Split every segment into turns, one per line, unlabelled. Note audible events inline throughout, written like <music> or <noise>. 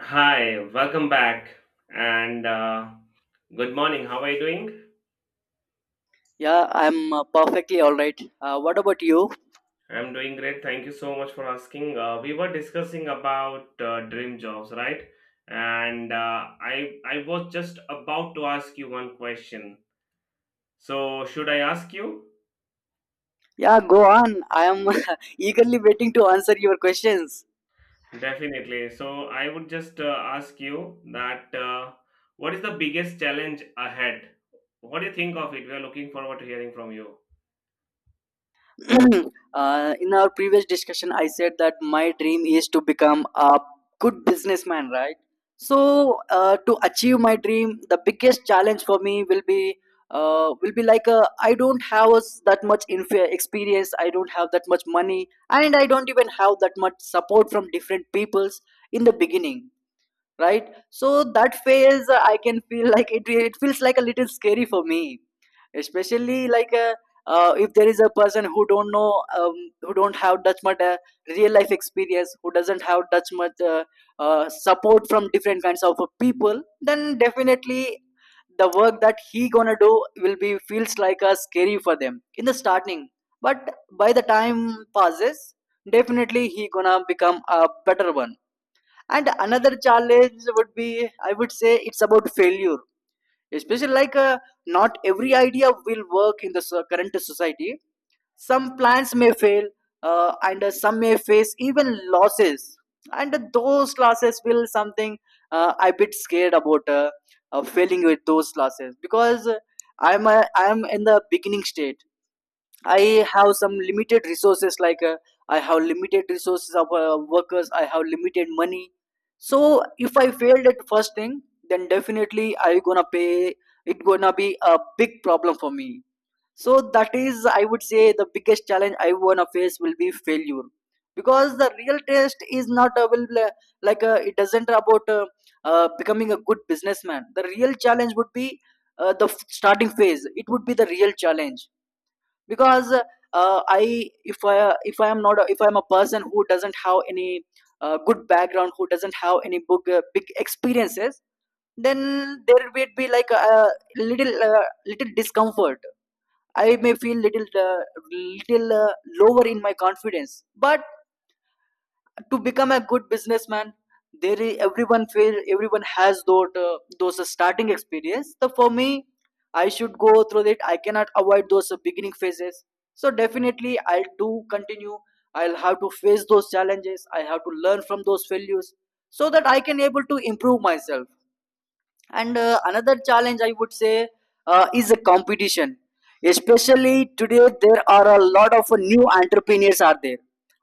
Hi, welcome back and good morning. How are you doing?
Yeah, I'm perfectly all right. What about you?
I'm doing great. Thank you so much for asking. We were discussing about dream jobs, right? And I was just about to ask you one question. So should I ask you?
Yeah, go on. I am <laughs> eagerly waiting to answer your questions.
Definitely. So I would just ask you that what is the biggest challenge ahead? What do you think of it? We are looking forward to hearing from you.
<clears throat> In our previous discussion, I said that my dream is to become a good businessman, right? So, to achieve my dream, the biggest challenge for me will be I don't have us that much experience. I don't have that much money, and I don't even have that much support from different peoples in the beginning, right? So that phase, I can feel like it feels like a little scary for me, especially like, if there is a person who don't know, who don't have that much real life experience, who doesn't have that much support from different kinds of people, then definitely the work that he gonna do will be feels like a scary for them in the starting. But by the time passes, definitely he gonna become a better one. And another challenge would be, I would say, it's about failure. Especially like, not every idea will work in the current society. Some plans may fail, and some may face even losses. And those losses will something, I bit scared about, failing with those losses, because I'm in the beginning stage. I have some limited resources, like I have limited resources of workers, I have limited money. So if I failed at first thing, then definitely I gonna pay. It gonna be a big problem for me. So that is, I would say, the biggest challenge I wanna face will be failure, because the real test is not available. Like, it doesn't about becoming a good businessman. The real challenge would be, starting phase. It would be the real challenge, because I if I if I am not a, if I am a person who doesn't have any good background, who doesn't have any big big experiences, then there will be like a little little discomfort. I may feel little little uh, lower in my confidence. But to become a good businessman, everyone fail, everyone has those starting experience. So for me, I should go through it. I cannot avoid those beginning phases. So definitely I'll do continue. I'll have to face those challenges. I have to learn from those failures, so that I can able to improve myself. And another challenge I would say is a competition. Especially today, there are a lot of new entrepreneurs are there,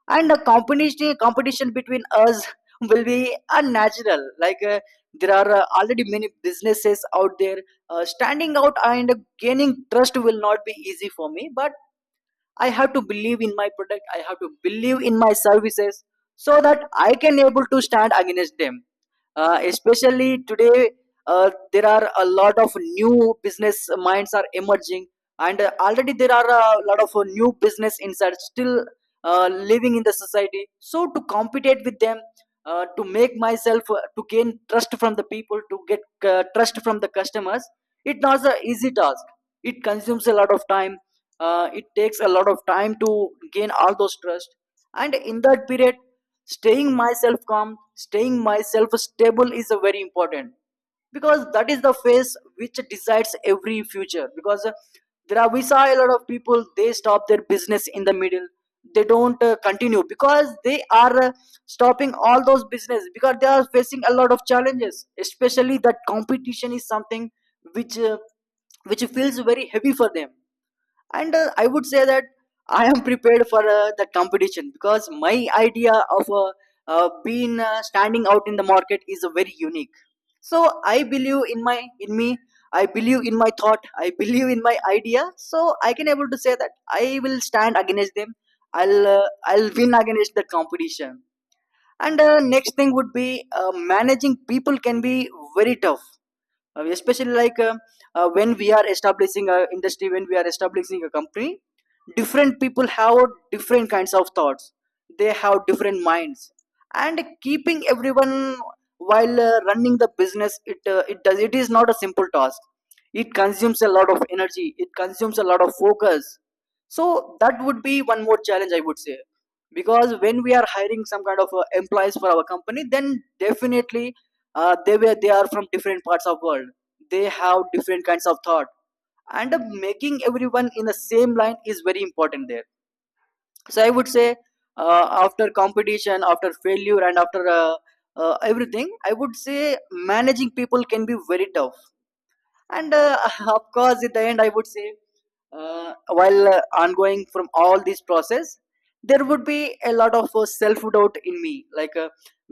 and the competition between us <laughs> will be unnatural. Like there are already many businesses out there. Standing out and gaining trust will not be easy for me, but I have to believe in my product, I have to believe in my services, so that I can able to stand against them. Especially today, there are a lot of new business minds are emerging, and already there are a lot of new business insights still living in the society. So to compete with them, to make myself, to gain trust from the people, to get trust from the customers, it's not an easy task. It consumes a lot of time. It takes a lot of time to gain all those trust. And in that period, staying myself calm, staying myself stable is a very important, because that is the phase which decides every future. Because there are, we saw a lot of people, they stop their business in the middle. They don't continue, because they are stopping all those business, because they are facing a lot of challenges. Especially that competition is something which uh, which feels very heavy for them. And I would say that I am prepared for the competition, because my idea of being standing out in the market is very unique. So I believe in my, in me, I believe in my thought, I believe in my idea. So I can able to say that I will stand against them. I'll I'll win against the competition. And next thing would be managing people can be very tough. Especially, when we are establishing a industry, when we are establishing a company, different people have different kinds of thoughts. They have different minds. And keeping everyone while running the business, it it does it is not a simple task. It consumes a lot of energy, it consumes a lot of focus. So that would be one more challenge, I would say. Because when we are hiring some kind of employees for our company, then definitely they are from different parts of world. They have different kinds of thought. And making everyone in the same line is very important there. So I would say, after competition, after failure, and after everything, I would say managing people can be very tough. And <laughs> of course at the end, I would say, uh, while ongoing from all this process, there would be a lot of self-doubt in me, like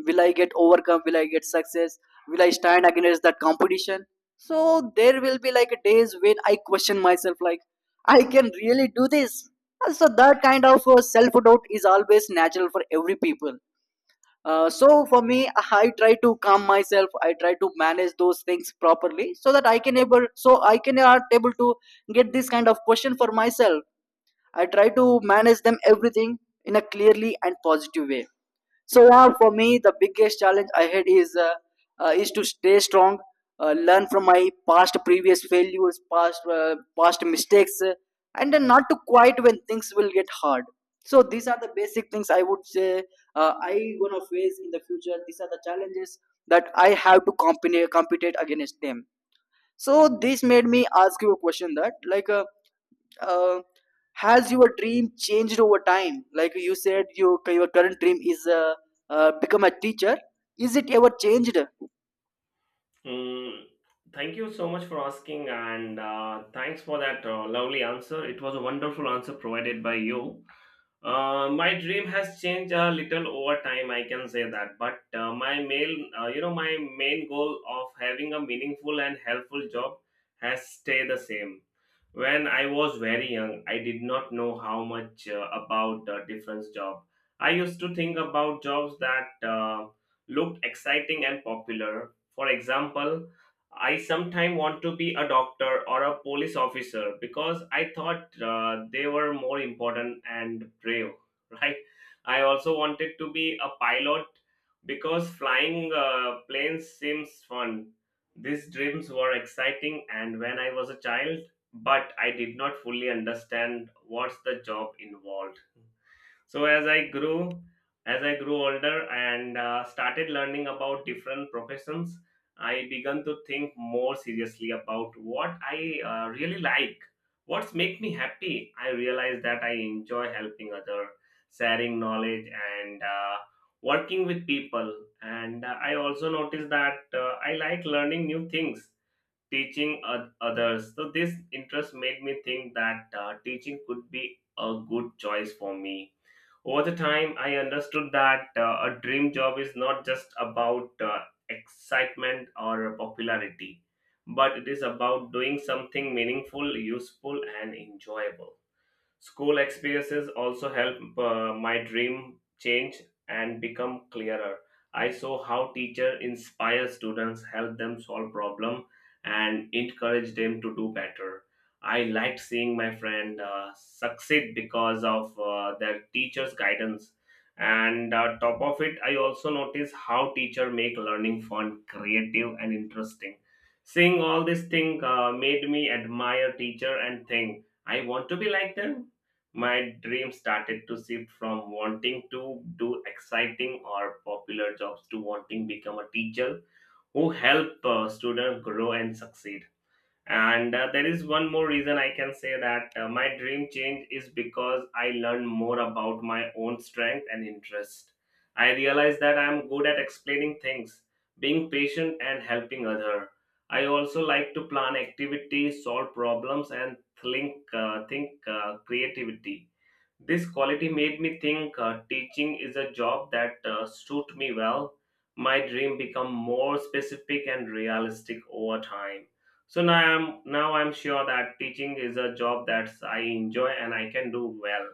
will I get overcome, will I get success, will I stand against that competition? So there will be like days when I question myself like I can really do this. So that kind of self-doubt is always natural for every people. So for me, I try to calm myself. I try to manage those things properly so that I can able, so I can are able to get this kind of question for myself. I try to manage them everything in a clearly and positive way. So yeah, for me, the biggest challenge I had is to stay strong, learn from my past, previous failures, past past mistakes, and then not to quit when things will get hard. So these are the basic things I would say I gonna face in the future. These are the challenges that I have to compete against them. So this made me ask you a question that like. Uh, has your dream changed over time? Like you said, you, your current dream is become a teacher. Is it ever changed?
Mm, thank you so much for asking, and thanks for that lovely answer. It was a wonderful answer provided by you. My dream has changed a little over time, I can say that. But my main, my main goal of having a meaningful and helpful job has stayed the same. When I was very young, I did not know how much about different job. I used to think about jobs that uh, looked exciting and popular. For example, I sometimes want to be a doctor or a police officer because I thought they were more important and brave, <laughs> right? I also wanted to be a pilot because flying planes seems fun. These dreams were exciting, and when I was a child, but I did not fully understand what's the job involved. So as I grew older and started learning about different professions, I began to think more seriously about what I really like, what's make me happy. I realized that I enjoy helping other, sharing knowledge, and working with people. And I also noticed that I like learning new things teaching others. So this interest made me think that teaching could be a good choice for me. Over the time, I understood that a dream job is not just about excitement or popularity, but it is about doing something meaningful, useful, and enjoyable. School experiences also help my dream change and become clearer. I saw how teacher inspire students, help them solve problem, and encourage them to do better. I liked seeing my friend succeed because of their teacher's guidance. And top of it, I also noticed how teacher make learning fun, creative, and interesting. Seeing all these thing made me admire teacher and think I want to be like them. My dream started to shift from wanting to do exciting or popular jobs to wanting become a teacher who help students grow and succeed. And there is one more reason I can say that my dream change is because I learned more about my own strength and interest. I realized that I am good at explaining things, being patient and helping other. I also like to plan activities, solve problems and think creativity. This quality made me think teaching is a job that suit me well. My dream become more specific and realistic over time. So now I'm sure that teaching is a job that I enjoy and I can do well.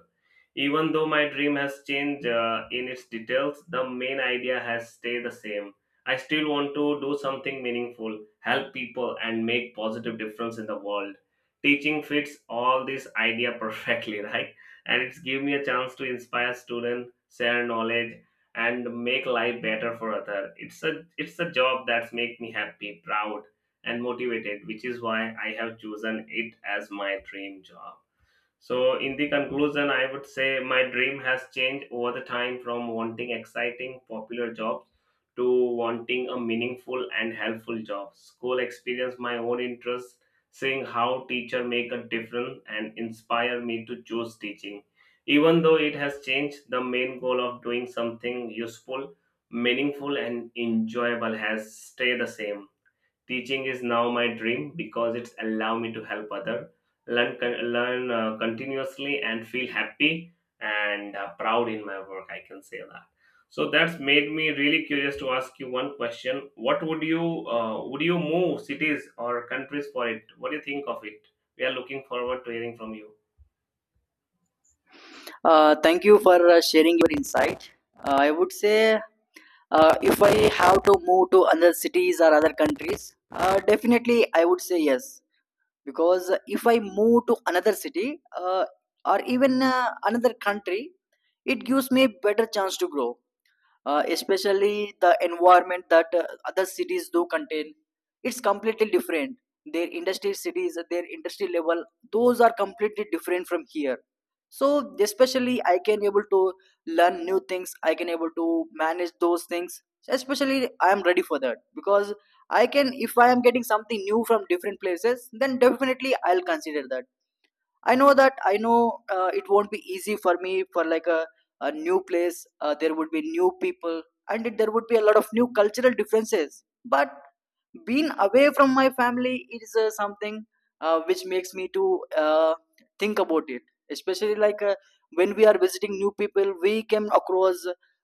Even though my dream has changed in its details, the main idea has stayed the same. I still want to do something meaningful, help people, and make positive difference in the world. Teaching fits all this idea perfectly, <laughs> right? And it's give me a chance to inspire students, share knowledge, and make life better for other. It's a job that's make me happy, proud, and motivated, which is why I have chosen it as my dream job. So, in the conclusion, I would say my dream has changed over the time from wanting exciting, popular jobs to wanting a meaningful and helpful job. School experience, my own interests, seeing how teacher make a difference and inspire me to choose teaching. Even though it has changed, the main goal of doing something useful, meaningful, and enjoyable has stayed the same. Teaching is now my dream because it's allow me to help other learn learn continuously and feel happy and proud in my work. I can say that. So that's made me really curious to ask you one question. What would you move cities or countries for it? What do you think of it? We are looking forward to hearing from you.
Thank you for sharing your insight. I would say, if I have to move to other cities or other countries, definitely I would say yes. Because if I move to another city, or even another country, it gives me better chance to grow, especially the environment that other cities do contain, it's completely different. Their industry cities, their industry level, those are completely different from here. So especially I can able to learn new things, I can able to manage those things. Especially I am ready for that, because I can, if I am getting something new from different places, then definitely I'll consider that. I know that, I know it won't be easy for me, for a new place. There would be new people, and there would be a lot of new cultural differences. But being away from my family is something which makes me to think about it. Especially like, when we are visiting new people, we came across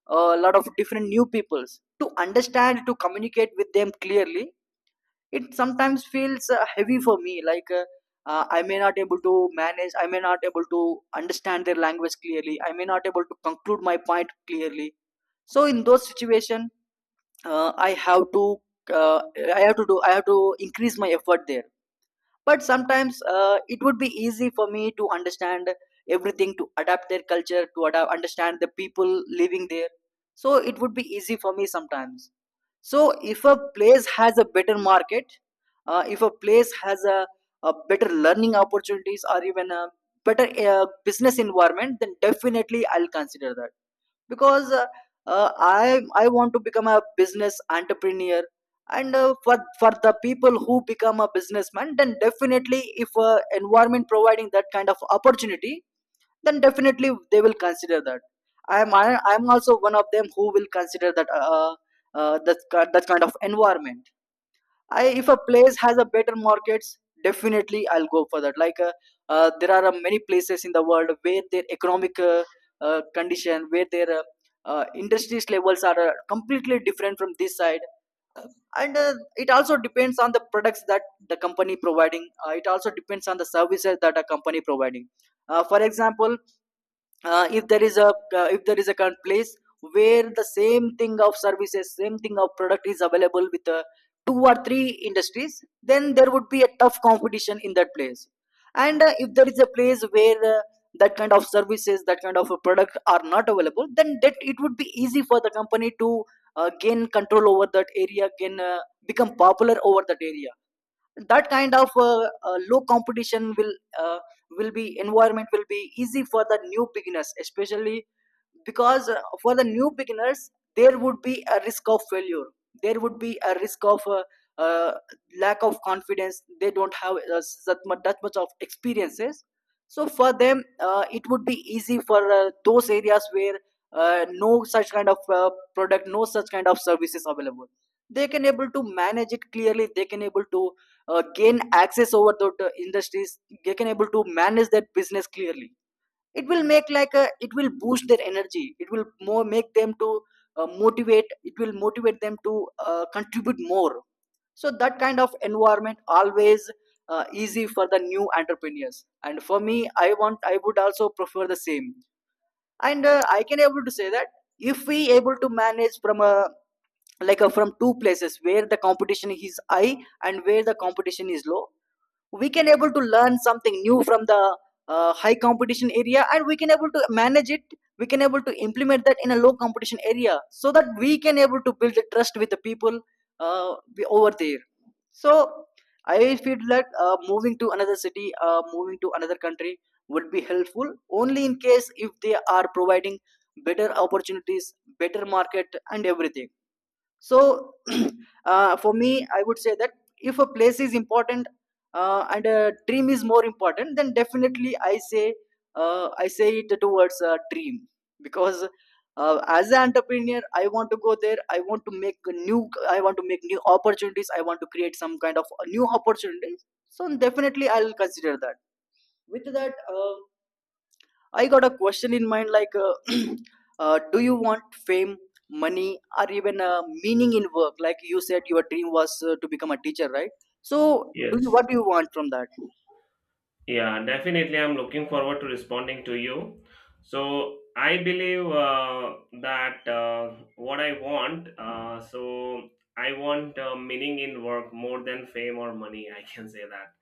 a lot of different new peoples. To understand, to communicate with them clearly, it sometimes feels heavy for me, like I may not able to manage, I may not able to understand their language clearly, I may not able to conclude my point clearly. So in those situation, I have to, uh, I have to do I have to increase my effort there. But sometimes it would be easy for me to understand everything, to adapt their culture, to adapt, understand the people living there. So it would be easy for me sometimes. So, if a place has a better market, if a place has a better learning opportunities, or even a better business environment, then definitely I'll consider that. Because I want to become a business entrepreneur. And for the people who become a businessman, then definitely if environment providing that kind of opportunity, then definitely they will consider that. I i am also one of them who will consider that that kind of environment. I If a place has a better markets, definitely I'll go for that. There are many places in the world where their economic condition, where their industries levels are completely different from this side. And it also depends on the products that the company providing. It also depends on the services that a company providing. For example, if there is a current place where the same thing of services, same thing of product is available with two or three industries, then there would be a tough competition in that place. And if there is a place where that kind of services, that kind of a product are not available, then that it would be easy for the company to gain control over that area, gain become popular over that area. That kind of low competition will, uh, will be environment will be easy for the new beginners, especially because for the new beginners there would be a risk of failure. There would be a risk of uh, lack of confidence. They don't have that much of experiences. So for them it would be easy for those areas where no such kind of product, no such kind of services available. They can able to manage it clearly. They can able to gain access over the industries. They can able to manage that business clearly. It will make it will boost their energy. It will more make them to motivate it will motivate them to contribute more. So that kind of environment always easy for the new entrepreneurs, and for me, I would also prefer the same. And I can able to say that if we able to manage from a, from two places where the competition is high and where the competition is low, we can able to learn something new from the high competition area, and we can able to manage it. We can able to implement that in a low competition area, so that we can able to build the trust with the people uh, over there. So I feel that moving to another city, moving to another country would be helpful only in case if they are providing better opportunities, better market, and everything. So <clears throat> for me I would say that if a place is important and a dream is more important, then definitely I say, I say it towards a dream. Because as an entrepreneur, I want to go there, I want to make new opportunities, I want to create some kind of a new opportunities, so definitely I'll consider that. With that I got a question in mind, like, <clears throat> do you want fame, money, or even meaning in work? Like you said, your dream was to become a teacher, right? So, do you
Yes.
what do you want from that?
Yeah, definitely. I'm looking forward to responding to you. So I believe that what I want. So I want meaning in work more than fame or money. I can say that.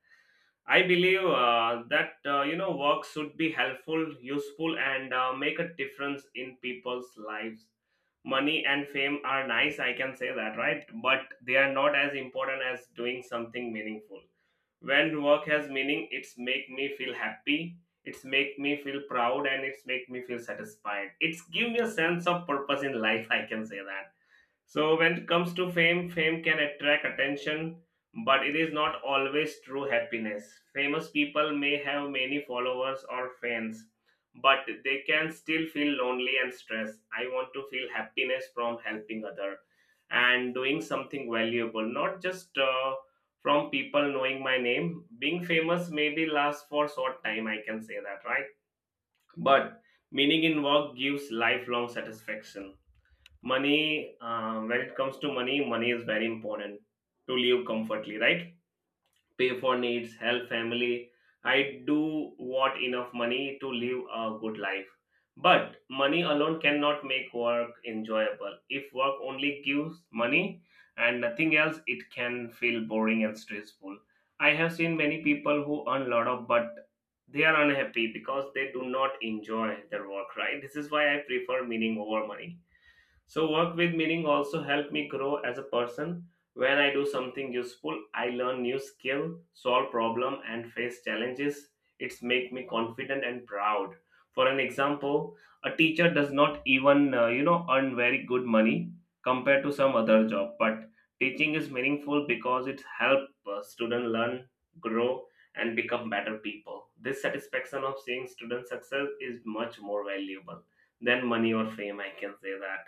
I believe that work should be helpful, useful, and make a difference in people's lives. Money and fame are nice. I can say that, right? But they are not as important as doing something meaningful. When work has meaning, it's make me feel happy, it's make me feel proud and it's make me feel satisfied, it's give me a sense of purpose in life, I can say that. So when it comes to fame, fame can attract attention, but it is not always true happiness. Famous people may have many followers or fans, but they can still feel lonely and stressed. I want to feel happiness from helping other and doing something valuable, not just from people knowing my name. Being famous maybe lasts for short time, I can say that, right? But meaning in work gives lifelong satisfaction. Money when it comes to money is very important to live comfortably, right? Pay for needs, help family. I do want enough money to live a good life, but money alone cannot make work enjoyable. If work only gives money and nothing else, it can feel boring and stressful. I have seen many people who earn a lot of but they are unhappy because they do not enjoy their work, right? This is why I prefer meaning over money. So work with meaning also help me grow as a person. When I do something useful, I learn new skill, solve problem and face challenges. It's make me confident and proud. For an example, a teacher does not even earn very good money compared to some other job, but teaching is meaningful because it help student learn, grow and become better people. This satisfaction of seeing student success is much more valuable than money or fame, I can say that.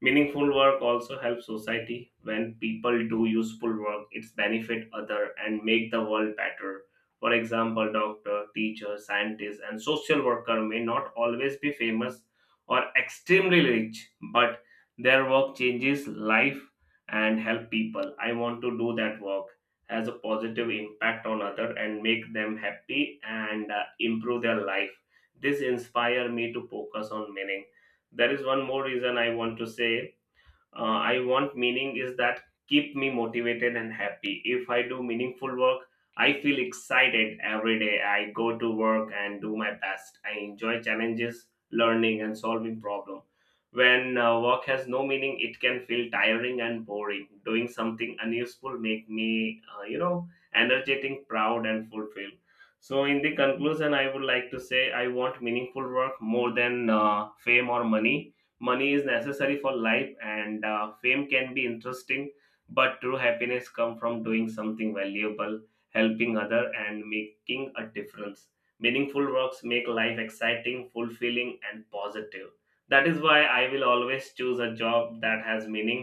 Meaningful work also helps society. When people do useful work, it's benefit other and make the world better. For example, doctor, teacher, scientist, and social worker may not always be famous or extremely rich, but their work changes life and help people. I want to do that work has a positive impact on other and make them happy and improve their life. This inspire me to focus on meaning. There is one more reason I want to say I want meaning is that keep me motivated and happy. If I do meaningful work, I feel excited every day, I go to work and do my best, I enjoy challenges, learning and solving problem. When work has no meaning, it can feel tiring and boring. Doing something unuseful make me energetic, proud and fulfilled. So in the conclusion, I would like to say I want meaningful work more than fame or money. Money is necessary for life and fame can be interesting, but true happiness comes from doing something valuable, helping other and making a difference. Meaningful works make life exciting, fulfilling and positive. That is why I will always choose a job that has meaning.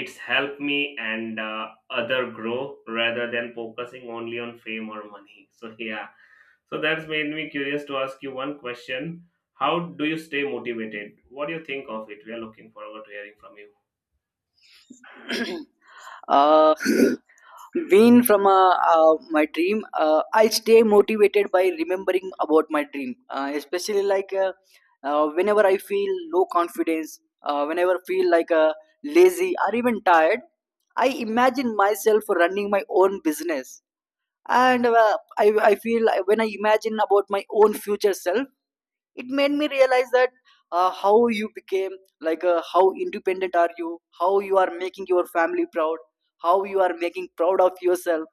It's helped me and other grow rather than focusing only on fame or money. So yeah, so that's made me curious to ask you one question. How do you stay motivated? What do you think of it? We are looking forward to hearing from you.
<clears throat> uh, win from my dream, I stay motivated by remembering about my dream, especially whenever I feel low confidence, whenever I feel like lazy or even tired, I imagine myself running my own business. And I feel like when I imagine about my own future self, it made me realize that how you became, how independent are you, how you are making your family proud, how you are making proud of yourself.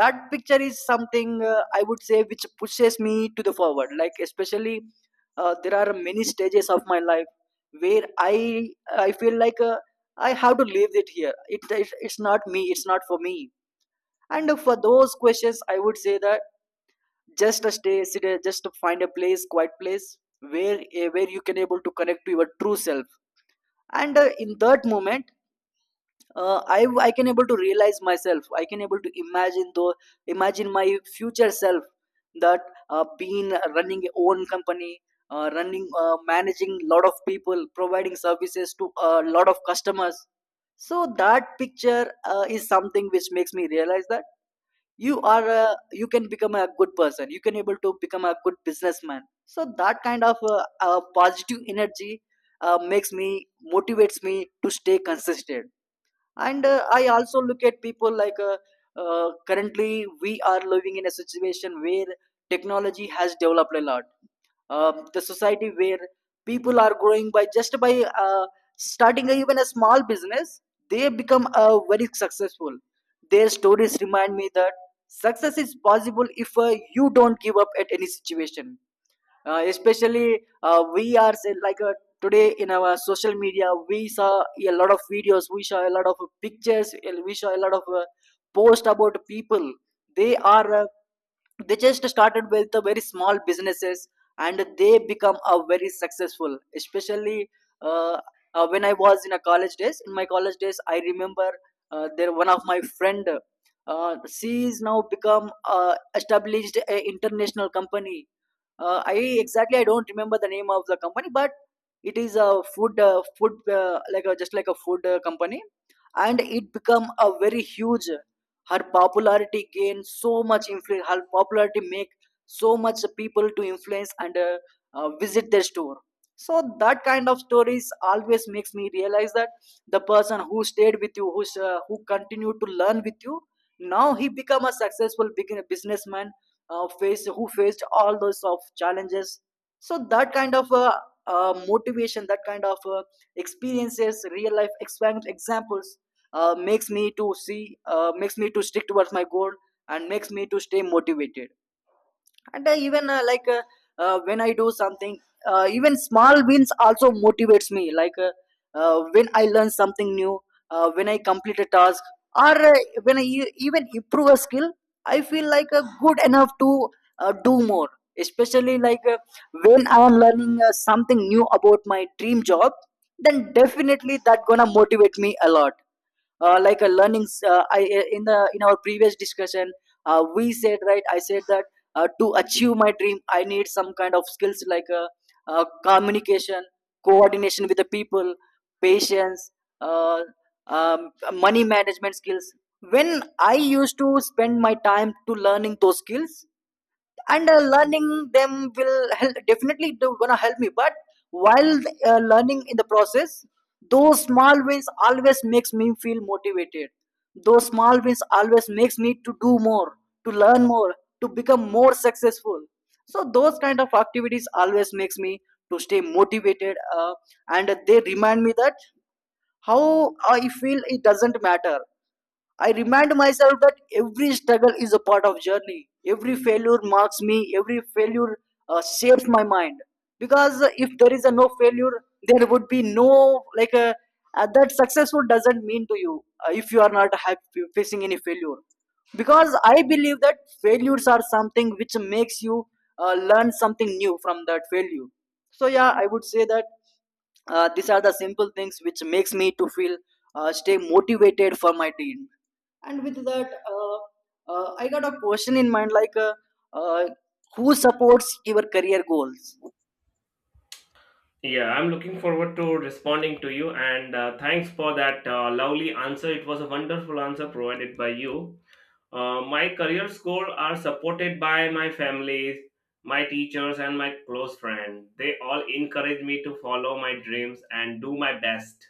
That picture is something I would say which pushes me to the forward, like especially there are many stages of my life where I feel like I have to leave it here, it's not me, it's not for me. And for those questions I would say that just a stay sit a- just to find a place, quiet place, where where you can able to connect to your true self. And in that moment, I can able to realize myself, I can able to imagine my future self, that being running a own company, running managing lot of people, providing services to a lot of customers. So that picture is something which makes me realize that you can become a good person, you can able to become a good businessman. So that kind of positive energy makes me motivates me to stay consistent. And I also look at people like currently we are living in a situation where technology has developed a lot. The society where people are growing by just by starting a, even a small business, they become very successful. Their stories remind me that success is possible if you don't give up at any situation. Uh, especially uh, we are say, like uh, today in our social media we saw a lot of videos, we saw a lot of pictures, and we saw a lot of posts about people. They are they just started with the very small businesses and they become a very successful. Especially uh, when I was in a college days, in my college days, I remember there one of my friend, she is now become established a international company. I Exactly I don't remember the name of the company, but it is a food just like a food company, and it become a very huge. Her popularity gained so much influence. Her popularity make so much people to influence and visit their store. So that kind of stories always makes me realize that the person who stayed with you, who continued to learn with you, now he become a successful big- businessman, faced who faced all those of challenges. So that kind of motivation, that kind of experiences, real life expe- examples makes me to see, makes me to stick towards my goal and makes me to stay motivated. And even like when I do something, even small wins also motivates me, like when I learn something new, when I complete a task, or when I e- even improve a skill, I feel like good enough to do more. Especially like when I am learning something new about my dream job, then definitely that gonna motivate me a lot. Like a learning I- In the in our previous discussion we said, right, I said that to achieve my dream, I need some kind of skills, like communication, coordination with the people, patience, uh, money management skills. When I used to spend my time to learning those skills, and learning them will help, definitely do, gonna help me. But while learning in the process, those small wins always makes me feel motivated. Those small wins always makes me to do more, to learn more, to become more successful. So those kind of activities always makes me to stay motivated. And they remind me that how I feel it doesn't matter. I remind myself that every struggle is a part of journey. Every failure marks me. Every failure shapes my mind. Because if there is a no failure, there would be no like that successful doesn't mean to you if you are not happy facing any failure. Because I believe that failures are something which makes you learn something new from that failure. So yeah, I would say that these are the simple things which makes me to feel stay motivated for my team. And with that I got a question in mind, like, uh, who supports your career goals?
Yeah, I'm looking forward to responding to you and thanks for that lovely answer. It was a wonderful answer provided by you. My career goals are supported by my family, my teachers, and my close friend. They all encourage me to follow my dreams and do my best.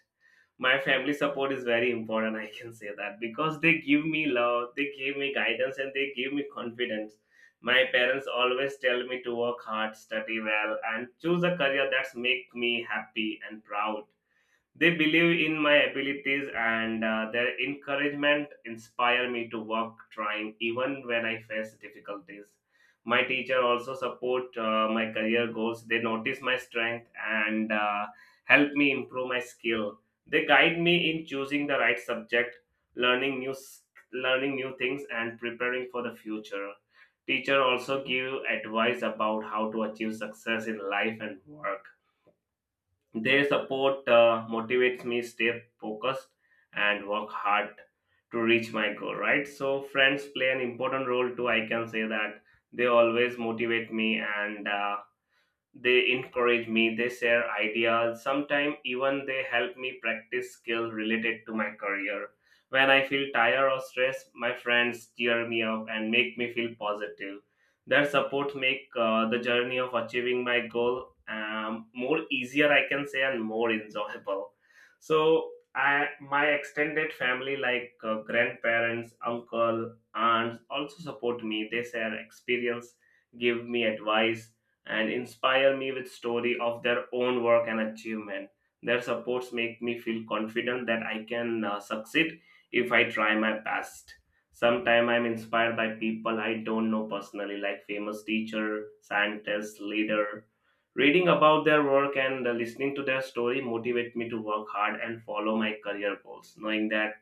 My family support is very important, I can say that, because they give me love, they give me guidance and they give me confidence. My parents always tell me to work hard, study well and choose a career that's make me happy and proud. They believe in my abilities and their encouragement inspire me to work trying even when I face difficulties. My teacher also support my career goals. They notice my strength and help me improve my skill. They guide me in choosing the right subject, learning learning new things and preparing for the future. Teacher also give advice about how to achieve success in life and work. Their support motivates me stay focused and work hard to reach my goal, right? So friends play an important role too, I can say that. They always motivate me and they encourage me, they share ideas, sometimes even they help me practice skill related to my career. When I feel tired or stressed, my friends cheer me up and make me feel positive. Their support make the journey of achieving my goal more easier, I can say, and more enjoyable. So, I, my extended family, like grandparents, uncle, aunts, also support me. They share experience, give me advice, and inspire me with story of their own work and achievement. Their supports make me feel confident that I can succeed if I try my best. Sometimes I'm inspired by people I don't know personally, like famous teacher, scientist, leader. Reading about their work and listening to their story motivate me to work hard and follow my career goals, knowing that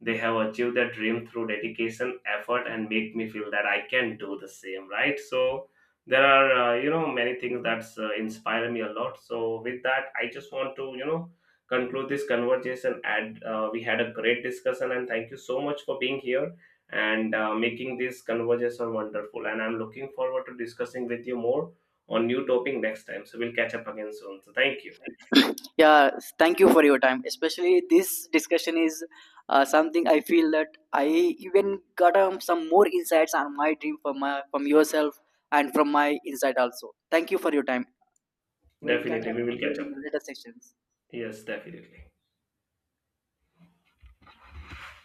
they have achieved their dream through dedication, effort, and make me feel that I can do the same, right? So there are, many things that's inspire me a lot. So with that, I just want to, conclude this conversation. And we had a great discussion, and thank you so much for being here and making this conversation wonderful. And I'm looking forward to discussing with you more on new topic next time. So we'll catch up again soon. So thank you.
Yeah, thank you for your time. Especially this discussion is something I feel that I even got some more insights on my dream from my, from yourself, and from my insight also. Thank you for your time. We'll catch
Definitely,
up
we will catch
again in
up.
the later sessions.
Yes, definitely.